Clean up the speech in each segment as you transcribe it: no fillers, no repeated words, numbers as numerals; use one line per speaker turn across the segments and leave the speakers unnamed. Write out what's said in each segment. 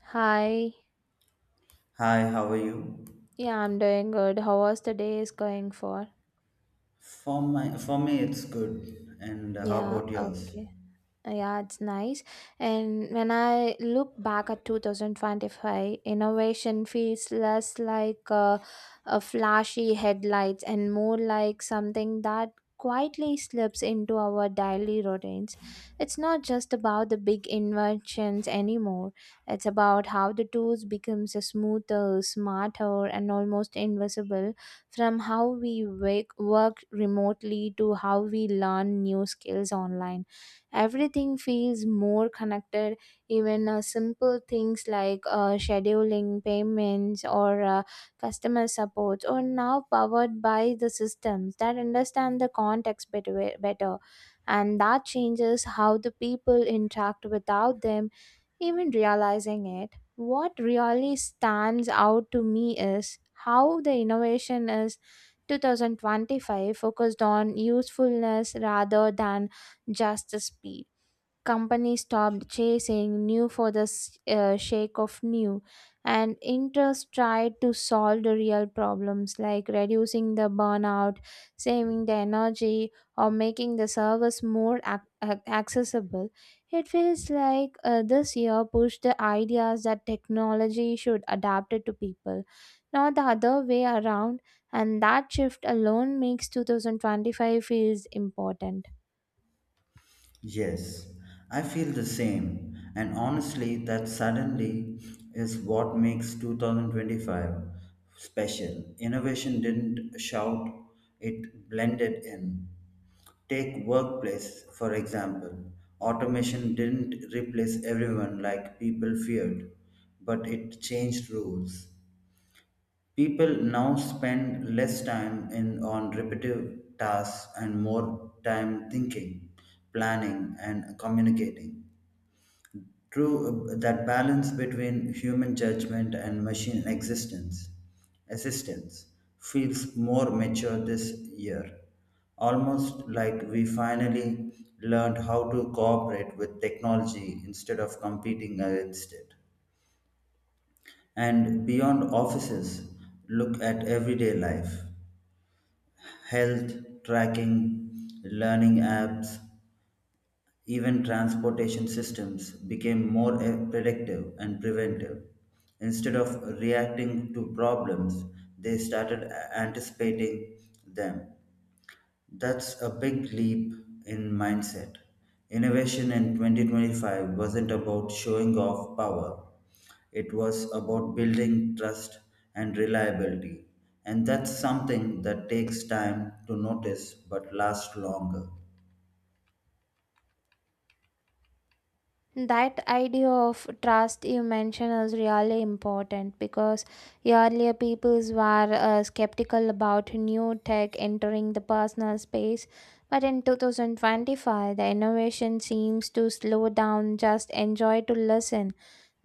Hi.
Hi, how are you?
Yeah, I'm doing good. How was the day is going for?
For me it's good. And how
Yeah,
about yours?
okay. Yeah, it's nice. And when I look back at 2025, innovation feels less like a flashy headlights, and more like something that quietly slips into our daily routines. It's not just about the big inventions anymore. It's about how the tools becomes smoother, smarter, and almost invisible, from how we wake, work remotely, to how we learn new skills online. Everything feels more connected. Even simple things like scheduling payments or customer support are now powered by the systems that understand the context better, and that changes how the people interact without them even realizing it. What really stands out to me is how the innovation is 2025 focused on usefulness rather than just the speed. Companies stopped chasing new for the sake of new, and interest tried to solve the real problems, like reducing the burnout, saving the energy, or making the service more accessible. It feels like this year pushed the ideas that technology should adapt it to people, not the other way around, and that shift alone makes 2025 feels important.
Yes, I feel the same. And honestly, that suddenly is what makes 2025 special. Innovation didn't shout, it blended in. Take workplace, for example. Automation didn't replace everyone like people feared, but it changed rules. People now spend less time in on repetitive tasks and more time thinking, planning, and communicating. True, that balance between human judgment and machine assistance feels more mature this year. Almost like we finally learned how to cooperate with technology instead of competing against it. And beyond offices, look at everyday life. Health tracking, learning apps, even transportation systems became more predictive and preventive. Instead of reacting to problems, they started anticipating them. That's a big leap in mindset. Innovation in 2025 wasn't about showing off power, it was about building trust and reliability. And that's something that takes time to notice but lasts longer.
That idea of trust you mentioned is really important, because earlier peoples were skeptical about new tech entering the personal space. But in 2025, the innovation seems to slow down, just enjoy to listen.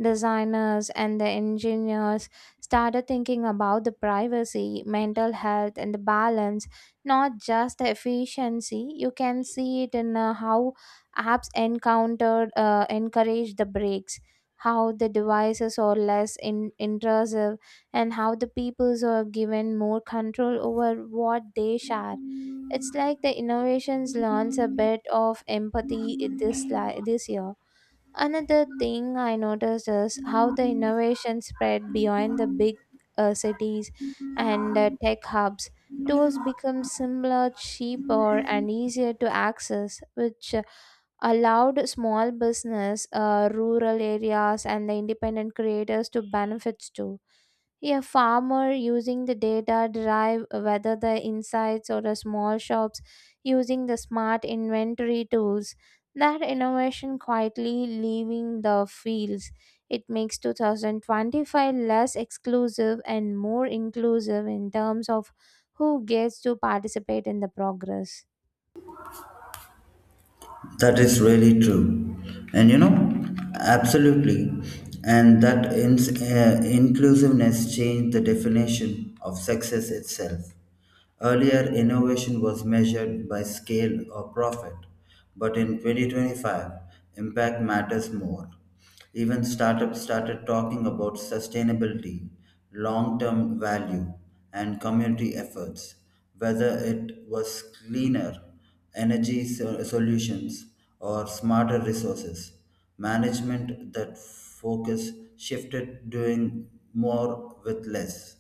Designers and the engineers started thinking about the privacy, mental health, and the balance, not just the efficiency. You can see it in how apps encountered encourage the breaks, how the devices are less intrusive, and how the peoples are given more control over what they share. It's like the innovations learns a bit of empathy this year. Another thing I noticed is how the innovation spread beyond the big cities and tech hubs. Tools become simpler, cheaper, and easier to access, which allowed small business, rural areas, and the independent creators to benefit too. A farmer using the data drive whether the insights, or the small shops using the smart inventory tools, that innovation quietly leaving the fields, it makes 2025 less exclusive and more inclusive in terms of who gets to participate in the progress.
That is really true. And absolutely. And that inclusiveness changed the definition of success itself. Earlier, innovation was measured by scale or profit, but in 2025, impact matters more. Even startups started talking about sustainability, long term value, and community efforts, whether it was cleaner energy solutions or smarter resources. Management that focus shifted doing more with less.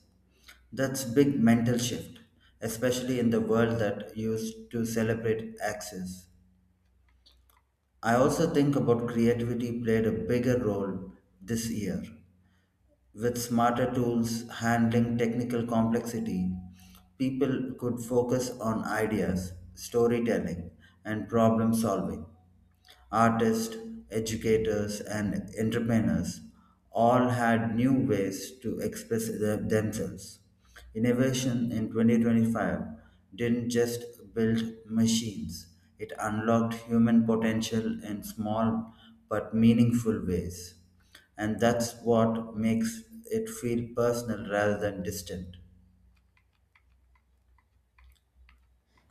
That's big mental shift, especially in the world that used to celebrate access. I also think about creativity played a bigger role this year. With smarter tools handling technical complexity, people could focus on ideas, storytelling, and problem solving. Artists, educators, and entrepreneurs all had new ways to express themselves. Innovation in 2025 didn't just build machines, it unlocked human potential in small but meaningful ways, and that's what makes it feel personal rather than distant.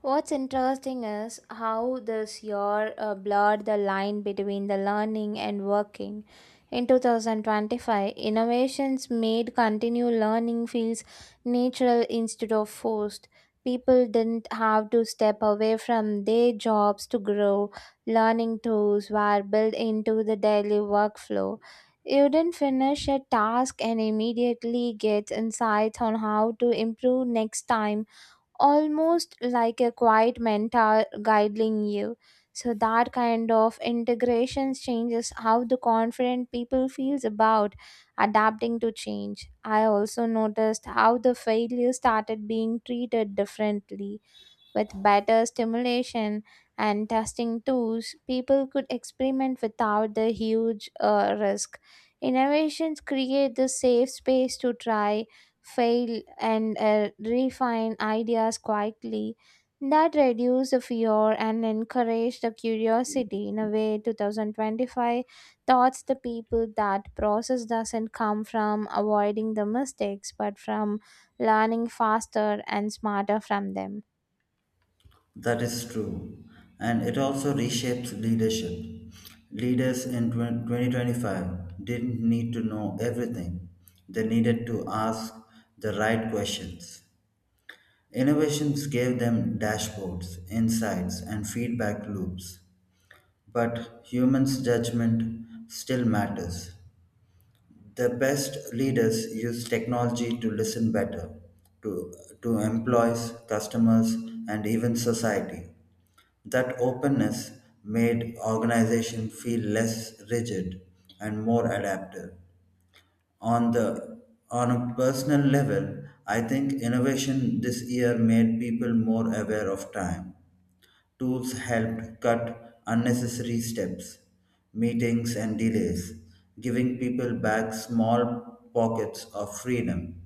What's interesting is how this year blurred the line between the learning and working. In 2025, innovations made continued learning feels natural instead of forced. People didn't have to step away from their jobs to grow. Learning tools were built into the daily workflow. You didn't finish a task and immediately get insights on how to improve next time, almost like a quiet mentor guiding you. So that kind of integration changes how the confident people feels about adapting to change. I also noticed how the failure started being treated differently. With better stimulation and testing tools, people could experiment without the huge risk. Innovations create the safe space to try, fail, and refine ideas quietly. That reduce the fear and encourage the curiosity. In a way, 2025 taught the people that process doesn't come from avoiding the mistakes, but from learning faster and smarter from them.
That is true, and it also reshapes leadership. Leaders in 2025 didn't need to know everything, they needed to ask the right questions. Innovations gave them dashboards, insights, and feedback loops, but humans' judgment still matters. The best leaders use technology to listen better to, to employees, customers, and even society. That openness made organization feel less rigid and more adaptive. On the on a personal level, I think innovation this year made people more aware of time. Tools helped cut unnecessary steps, meetings, and delays, giving people back small pockets of freedom.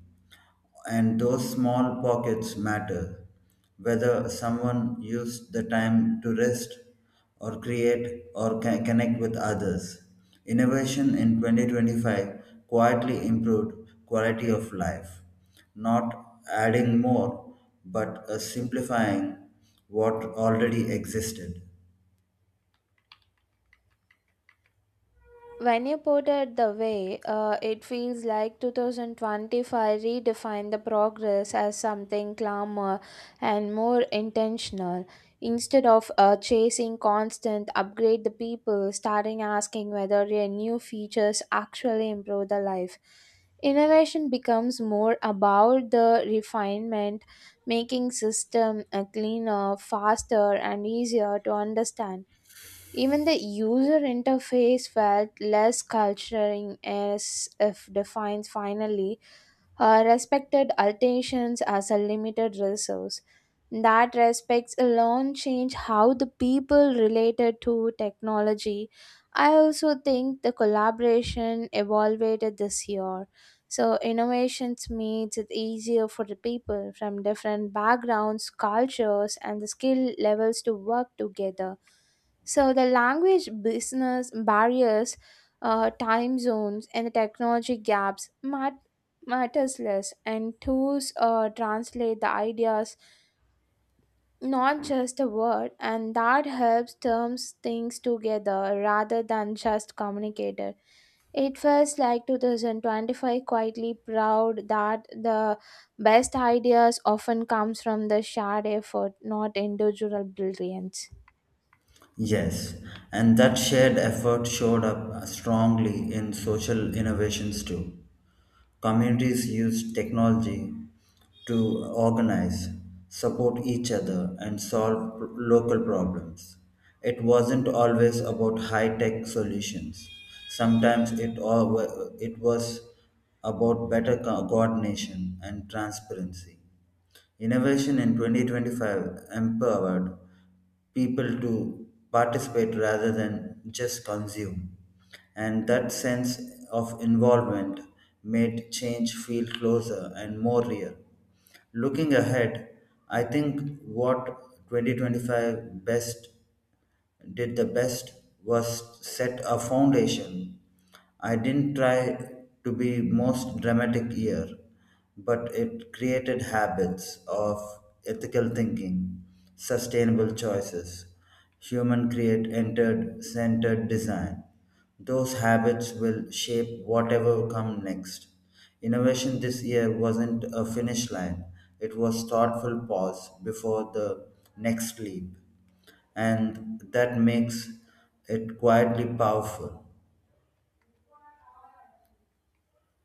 And those small pockets matter. Whether someone used the time to rest or create or connect with others. Innovation in 2025 quietly improved quality of life, not adding more, but simplifying what already existed.
When you put it the way, it feels like 2025 redefined the progress as something calmer and more intentional. Instead of chasing constant upgrade, the people starting asking whether their new features actually improve the life. Innovation becomes more about the refinement, making system cleaner, faster, and easier to understand. Even the user interface felt less culturing as if defined finally. Respected alterations as a limited resource. That respects alone change how the people related to technology. I also think the collaboration evolved this year. So innovations makes it easier for the people from different backgrounds, cultures, and the skill levels to work together. So the language business barriers, time zones, and the technology gaps might matters less, and tools translate the ideas, not just a word, and that helps terms things together rather than just communicated. It feels like 2025 quietly proud that the best ideas often comes from the shared effort, not individual brilliance.
Yes, and that shared effort showed up strongly in social innovations too. Communities used technology to organize, support each other, and solve local problems. It wasn't always about high tech solutions. Sometimes it was about better coordination and transparency. Innovation in 2025 empowered people to participate rather than just consume. And that sense of involvement made change feel closer and more real. Looking ahead, I think what 2025 best did the best was set a foundation. I didn't try to be most dramatic here, but it created habits of ethical thinking, sustainable choices, human create entered centered design. Those habits will shape whatever come next. Innovation this year wasn't a finish line. It was thoughtful pause before the next leap, and that makes it quietly powerful.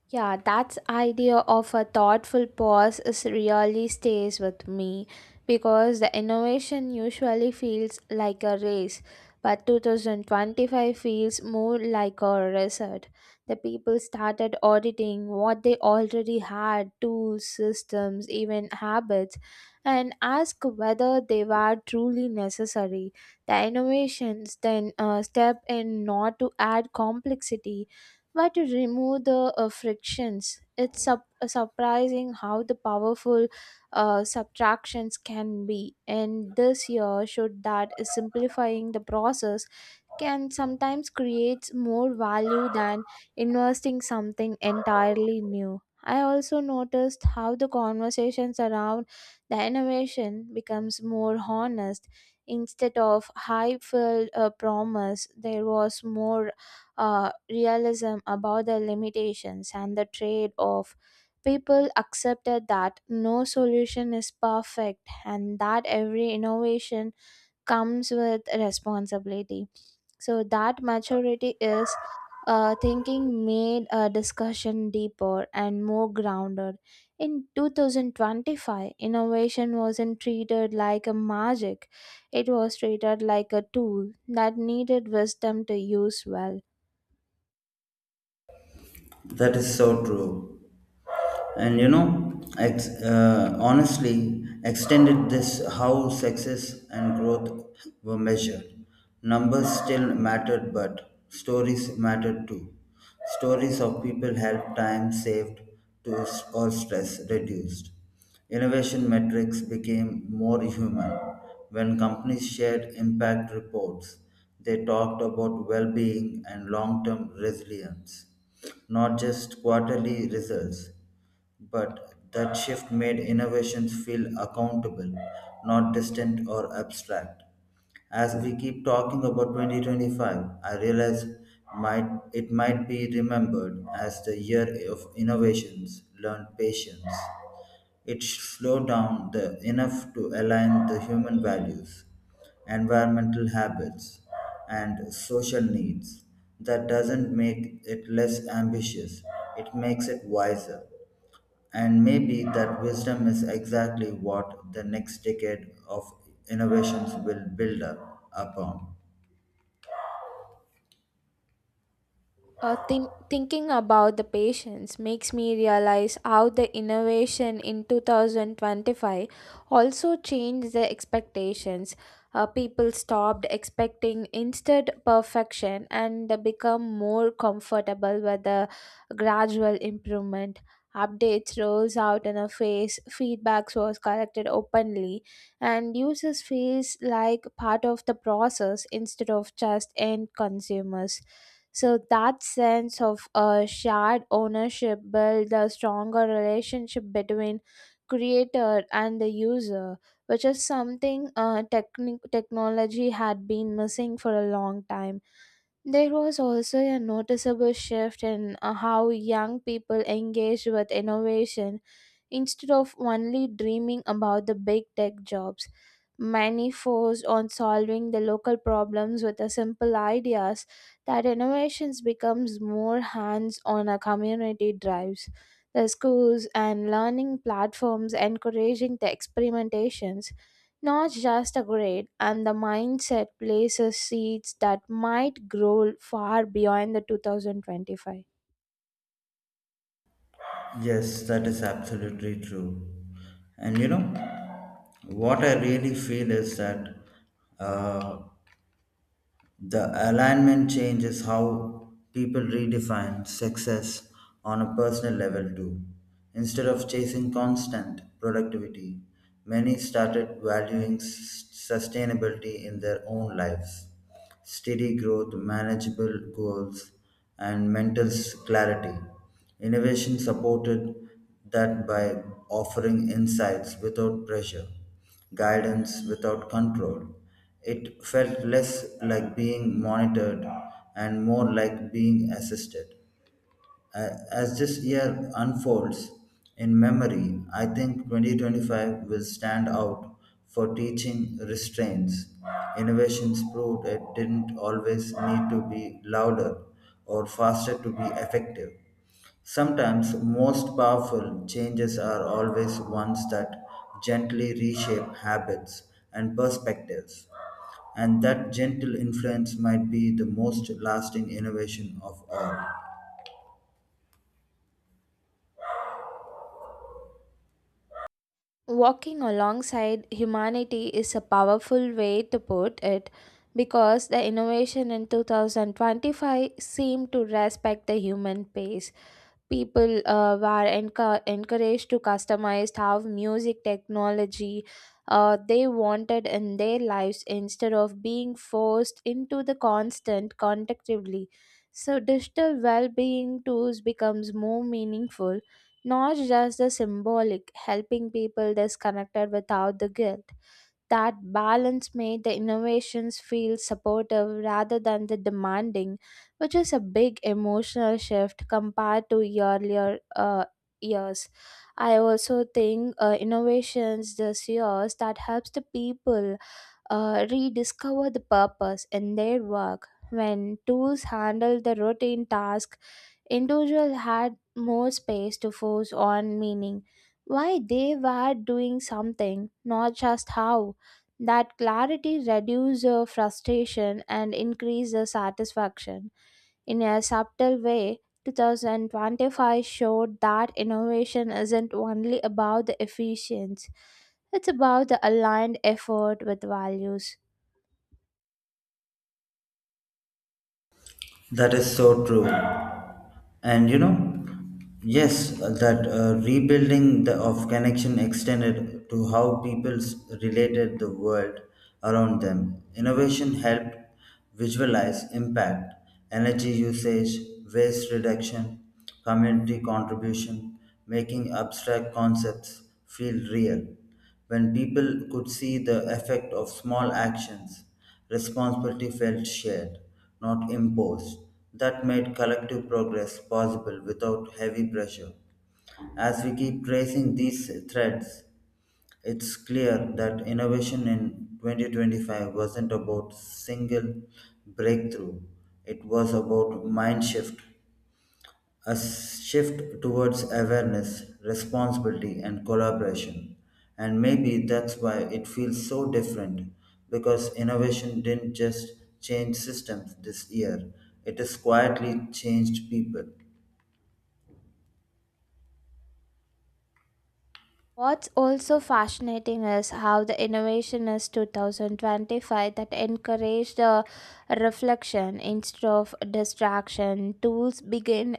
Yeah, that idea of a thoughtful pause is really stays with me, because the innovation usually feels like a race, but 2025 feels more like a resort. The people started auditing what they already had, tools, systems, even habits, and ask whether they were truly necessary. The innovations then step in not to add complexity, but to remove the frictions. It's surprising how the powerful subtractions can be, and this year showed that is simplifying the process can sometimes create more value than investing something entirely new. I also noticed how the conversations around the innovation becomes more honest. Instead of high-filled promise, there was more realism about the limitations and the trade-off. People accepted that no solution is perfect and that every innovation comes with responsibility. So that maturity is thinking made a discussion deeper and more grounded. In 2025, innovation wasn't treated like a magic, it was treated like a tool that needed wisdom to use well.
That is so true. And honestly extended this. How success and growth were measured: numbers still mattered, but stories mattered too. Stories of people helped, time saved to or stress reduced. Innovation metrics became more human. When companies shared impact reports, they talked about well-being and long-term resilience, not just quarterly results. But that shift made innovations feel accountable, not distant or abstract. As we keep talking about 2025, I realize it might be remembered as the year of innovations, learned patience. It slowed down enough to align the human values, environmental habits, and social needs. That doesn't make it less ambitious, it makes it wiser. And maybe that wisdom is exactly what the next decade of innovations will build up upon.
Thinking about the patients makes me realize how the innovation in 2025 also changed the expectations. People stopped expecting instant perfection and they become more comfortable with the gradual improvement. Updates rolls out in a phase, feedbacks was collected openly, and users feels like part of the process instead of just end consumers. So that sense of shared ownership builds a stronger relationship between creator and the user, which is something technology had been missing for a long time. There was also a noticeable shift in how young people engage with innovation. Instead of only dreaming about the big tech jobs, many focused on solving the local problems with the simple ideas. That innovations becomes more hands-on, a community drives. The schools and learning platforms encouraging the experimentations, not just a grade, and the mindset places seeds that might grow far beyond the 2025.
Yes, that is absolutely true. And what I really feel is that uh, the alignment changes how people redefine success on a personal level, too. Instead of chasing constant productivity, many started valuing sustainability in their own lives. Steady growth, manageable goals, and mental clarity. Innovation supported that by offering insights without pressure, guidance without control. It felt less like being monitored and more like being assisted. As this year unfolds in memory, I think 2025 will stand out for teaching restraints. Innovations proved it didn't always need to be louder or faster to be effective. Sometimes, most powerful changes are always ones that gently reshape habits and perspectives, and that gentle influence might be the most lasting innovation of all.
Walking alongside humanity is a powerful way to put it, because the innovation in 2025 seemed to respect the human pace. People encouraged to customize how music technology they wanted in their lives instead of being forced into the constant contactively. So digital well-being tools becomes more meaningful, not just the symbolic, helping people disconnected without the guilt. That balance made the innovations feel supportive rather than the demanding, which is a big emotional shift compared to earlier years. I also think innovations this years that helps the people rediscover the purpose in their work. When tools handle the routine task, individual had more space to force on meaning, why they were doing something, not just how. That clarity reduces the frustration and increases the satisfaction. In a subtle way, 2025 showed that innovation isn't only about the efficiency, it's about the aligned effort with values.
That is so true. And yes, that rebuilding of connection extended to how people related the world around them. Innovation helped visualize impact, energy usage, waste reduction, community contribution, making abstract concepts feel real. When people could see the effect of small actions, responsibility felt shared, not imposed. That made collective progress possible without heavy pressure. As we keep tracing these threads, it's clear that innovation in 2025 wasn't about single breakthrough. It was about mind shift, a shift towards awareness, responsibility, and collaboration. And maybe that's why it feels so different, because innovation didn't just change systems this year, it has quietly changed people.
What's also fascinating is how the innovation is 2025 that encouraged the reflection instead of distraction. Tools begin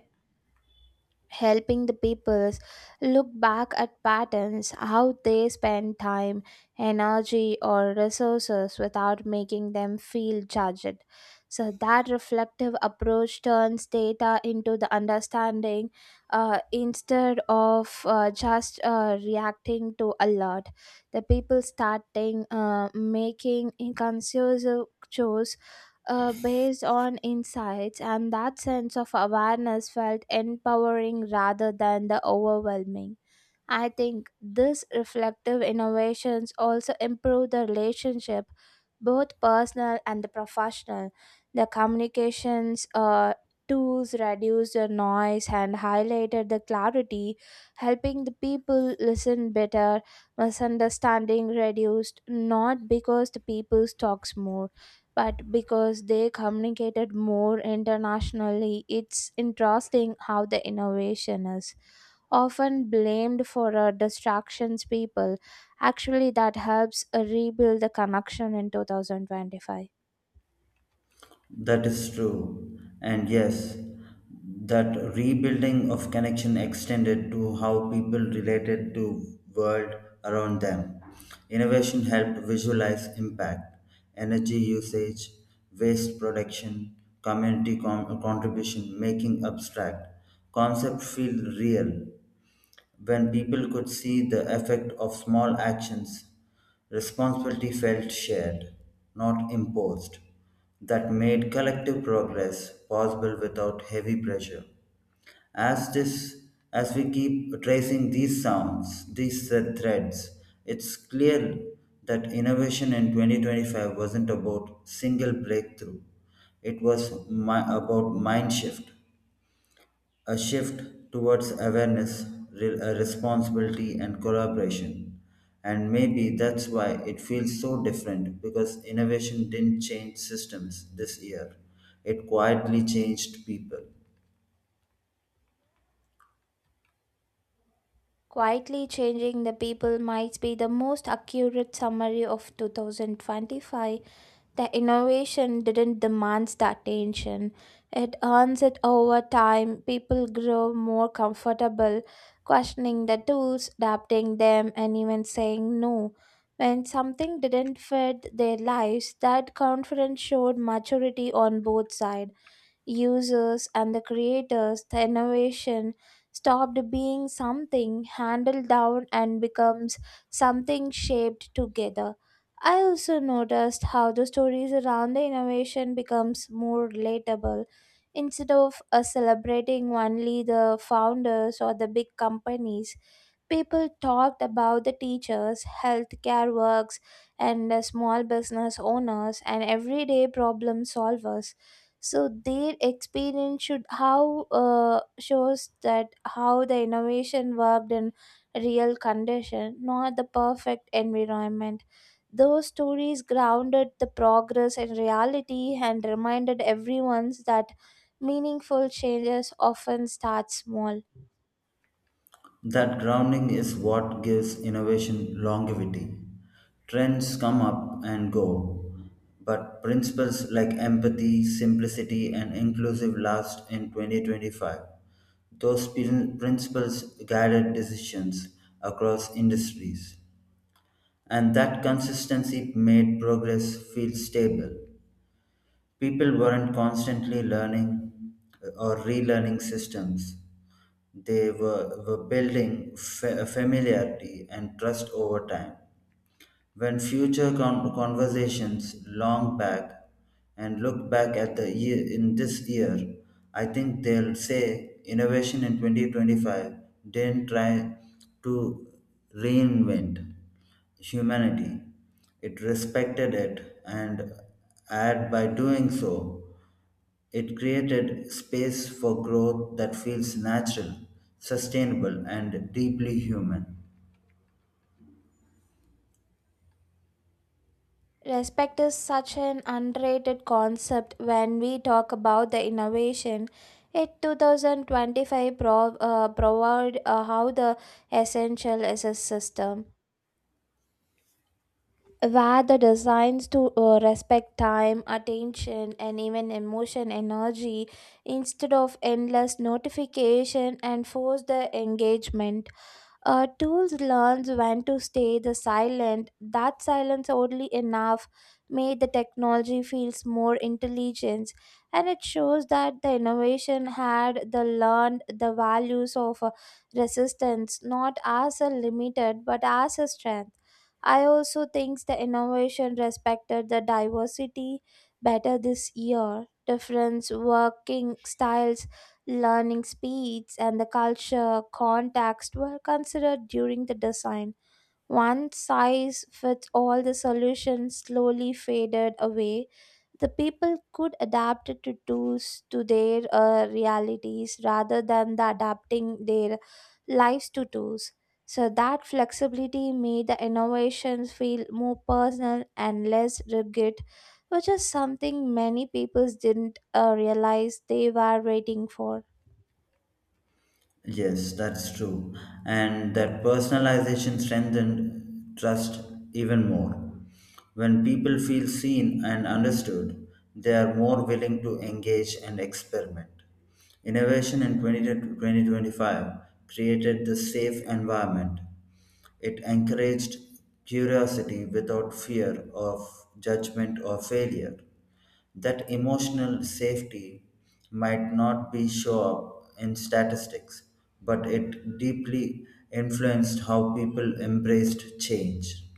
helping the peoples look back at patterns, how they spend time, energy, or resources without making them feel judged. So that reflective approach turns data into the understanding, instead of just reacting to alert. The people starting making inconceivable choices based on insights, and that sense of awareness felt empowering rather than the overwhelming. I think these reflective innovations also improve the relationship, both personal and the professional. The communications tools reduce the noise and highlighted the clarity, helping the people listen better. Misunderstanding reduced not because the people talks more, but because they communicated more internationally. It's interesting how the innovation is often blamed for distractions people actually that helps rebuild the connection in 2025.
That is true. And yes, that rebuilding of connection extended to how people related to world around them. Innovation helped visualize impact, energy usage, waste production, community contribution, making abstract concept feel real. When people could see the effect of small actions, responsibility felt shared, not imposed. That made collective progress possible without heavy pressure. As this, as we keep tracing these threads, it's clear that innovation in 2025 wasn't about single breakthrough. It was about mind shift, a shift towards awareness, responsibility, and collaboration. And maybe that's why it feels so different, because innovation didn't change systems this year, it quietly changed people.
Quietly changing the people might be the most accurate summary of 2025. The innovation didn't demand the attention, it earns it over time. People grow more comfortable questioning the tools, adapting them, and even saying no. When something didn't fit their lives, that confidence showed maturity on both sides. Users and the creators, the innovation stopped being something handled down and becomes something shaped together. I also noticed how the stories around the innovation becomes more relatable. Instead of celebrating only the founders or the big companies, people talked about the teachers, healthcare workers, and the small business owners and everyday problem solvers. So their experience should how shows that how the innovation worked in real condition, not the perfect environment. Those stories grounded the progress in reality and reminded everyone that meaningful changes often start small.
That grounding is what gives innovation longevity. Trends come up and go, but principles like empathy, simplicity, and inclusive last in 2025. Those principles guided decisions across industries, and that consistency made progress feel stable. People weren't constantly learning or relearning systems, they were building familiarity and trust over time. When future conversations long back and look back at the year in this year, I think they'll say innovation in 2025 didn't try to reinvent humanity. It respected it, and by doing so, it created space for growth that feels natural, sustainable and deeply human.
Respect is such an underrated concept when we talk about the innovation. It 2025 provide how the essential is a system where the designs to respect time, attention, and even emotion energy instead of endless notification and force the engagement. Tools learns when to stay the silent. That silence, oddly enough, made the technology feels more intelligence, and it shows that the innovation had the learned the values of resistance, not as a limited but as a strength. I also think the innovation respected the diversity better this year. Different working styles, learning speeds, and the culture context were considered during the design. One size fits all the solution slowly faded away. The people could adapt it to tools to their realities rather than the adapting their lives to tools. So that flexibility made the innovations feel more personal and less rigid, which is something many people didn't realize they were waiting for.
Yes, that's true. And that personalization strengthened trust even more. When people feel seen and understood, they are more willing to engage and experiment. Innovation in 20 to 2025 created the safe environment. It encouraged curiosity without fear of judgment or failure. That emotional safety might not be show up in statistics, but it deeply influenced how people embraced change.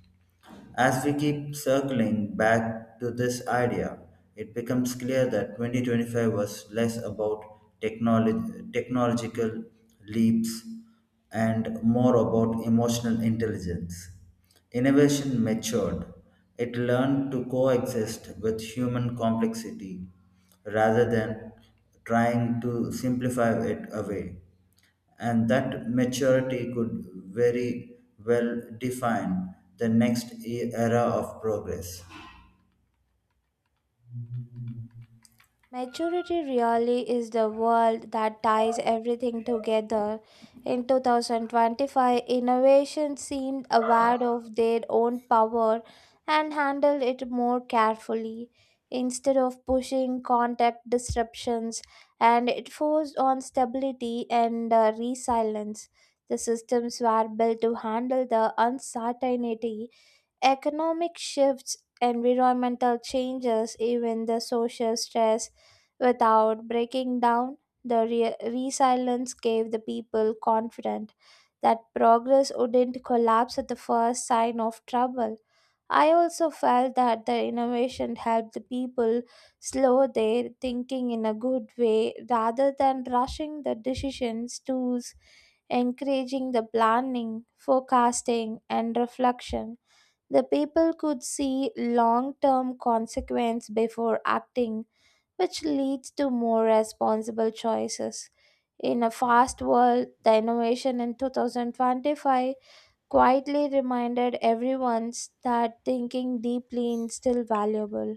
As we keep circling back to this idea, it becomes clear that 2025 was less about technological leaps and more about emotional intelligence. Innovation matured, it learned to coexist with human complexity rather than trying to simplify it away, and that maturity could very well define the next era of progress.
Maturity really is the world that ties everything together. In 2025, innovation seemed aware of their own power and handled it more carefully. Instead of pushing contact disruptions, and it forced on stability and resilience. The systems were built to handle the uncertainty. Economic shifts, environmental changes, even the social stress, without breaking down, the resilience gave the people confidence that progress wouldn't collapse at the first sign of trouble. I also felt that the innovation helped the people slow their thinking in a good way rather than rushing the decisions. Tools, encouraging the planning, forecasting, and reflection. The people could see long term consequence before acting, which leads to more responsible choices. In a fast world, the innovation in 2025 quietly reminded everyone that thinking deeply is still valuable.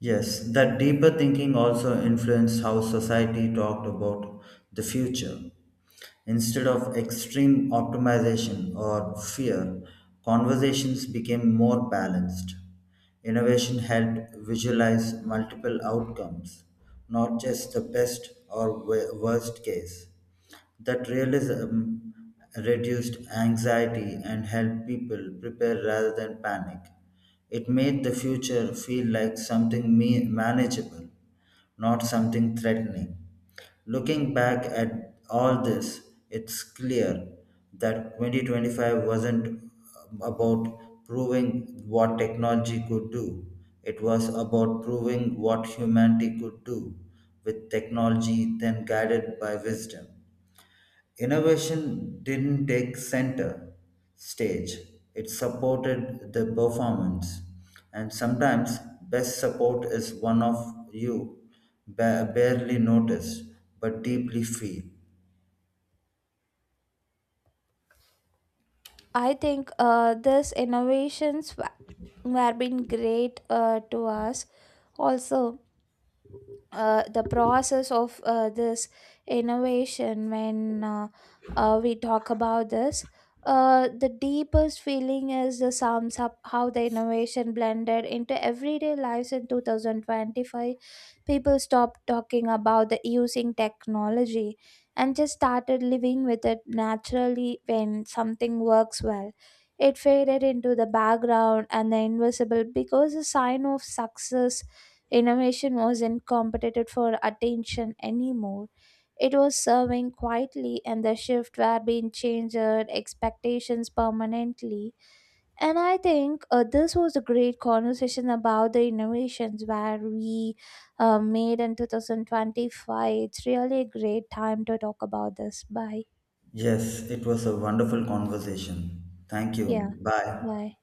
Yes, that deeper thinking also influenced how society talked about the future. Instead of extreme optimization or fear, conversations became more balanced. Innovation helped visualize multiple outcomes, not just the best or worst case. That realism reduced anxiety and helped people prepare rather than panic. It made the future feel like something manageable, not something threatening. Looking back at all this, it's clear that 2025 wasn't about proving what technology could do, it was about proving what humanity could do with technology then guided by wisdom. Innovation didn't take center stage, it supported the performance. And sometimes, best support is one of you barely noticed but deeply feel.
I think were been great to us, also the process of this innovation. When we talk about this, the deepest feeling is the sums up how the innovation blended into everyday lives in 2025. People stopped talking about the using technology and just started living with it naturally. When something works well, it faded into the background, and the invisible because a sign of success. Innovation wasn't competed for attention anymore. It was serving quietly, and the shift were being changed expectations permanently. And I think this was a great conversation about the innovations where we made in 2025. It's really a great time to talk about this. Bye.
Yes, it was a wonderful conversation. Thank
Yeah.
you. Bye.
Bye.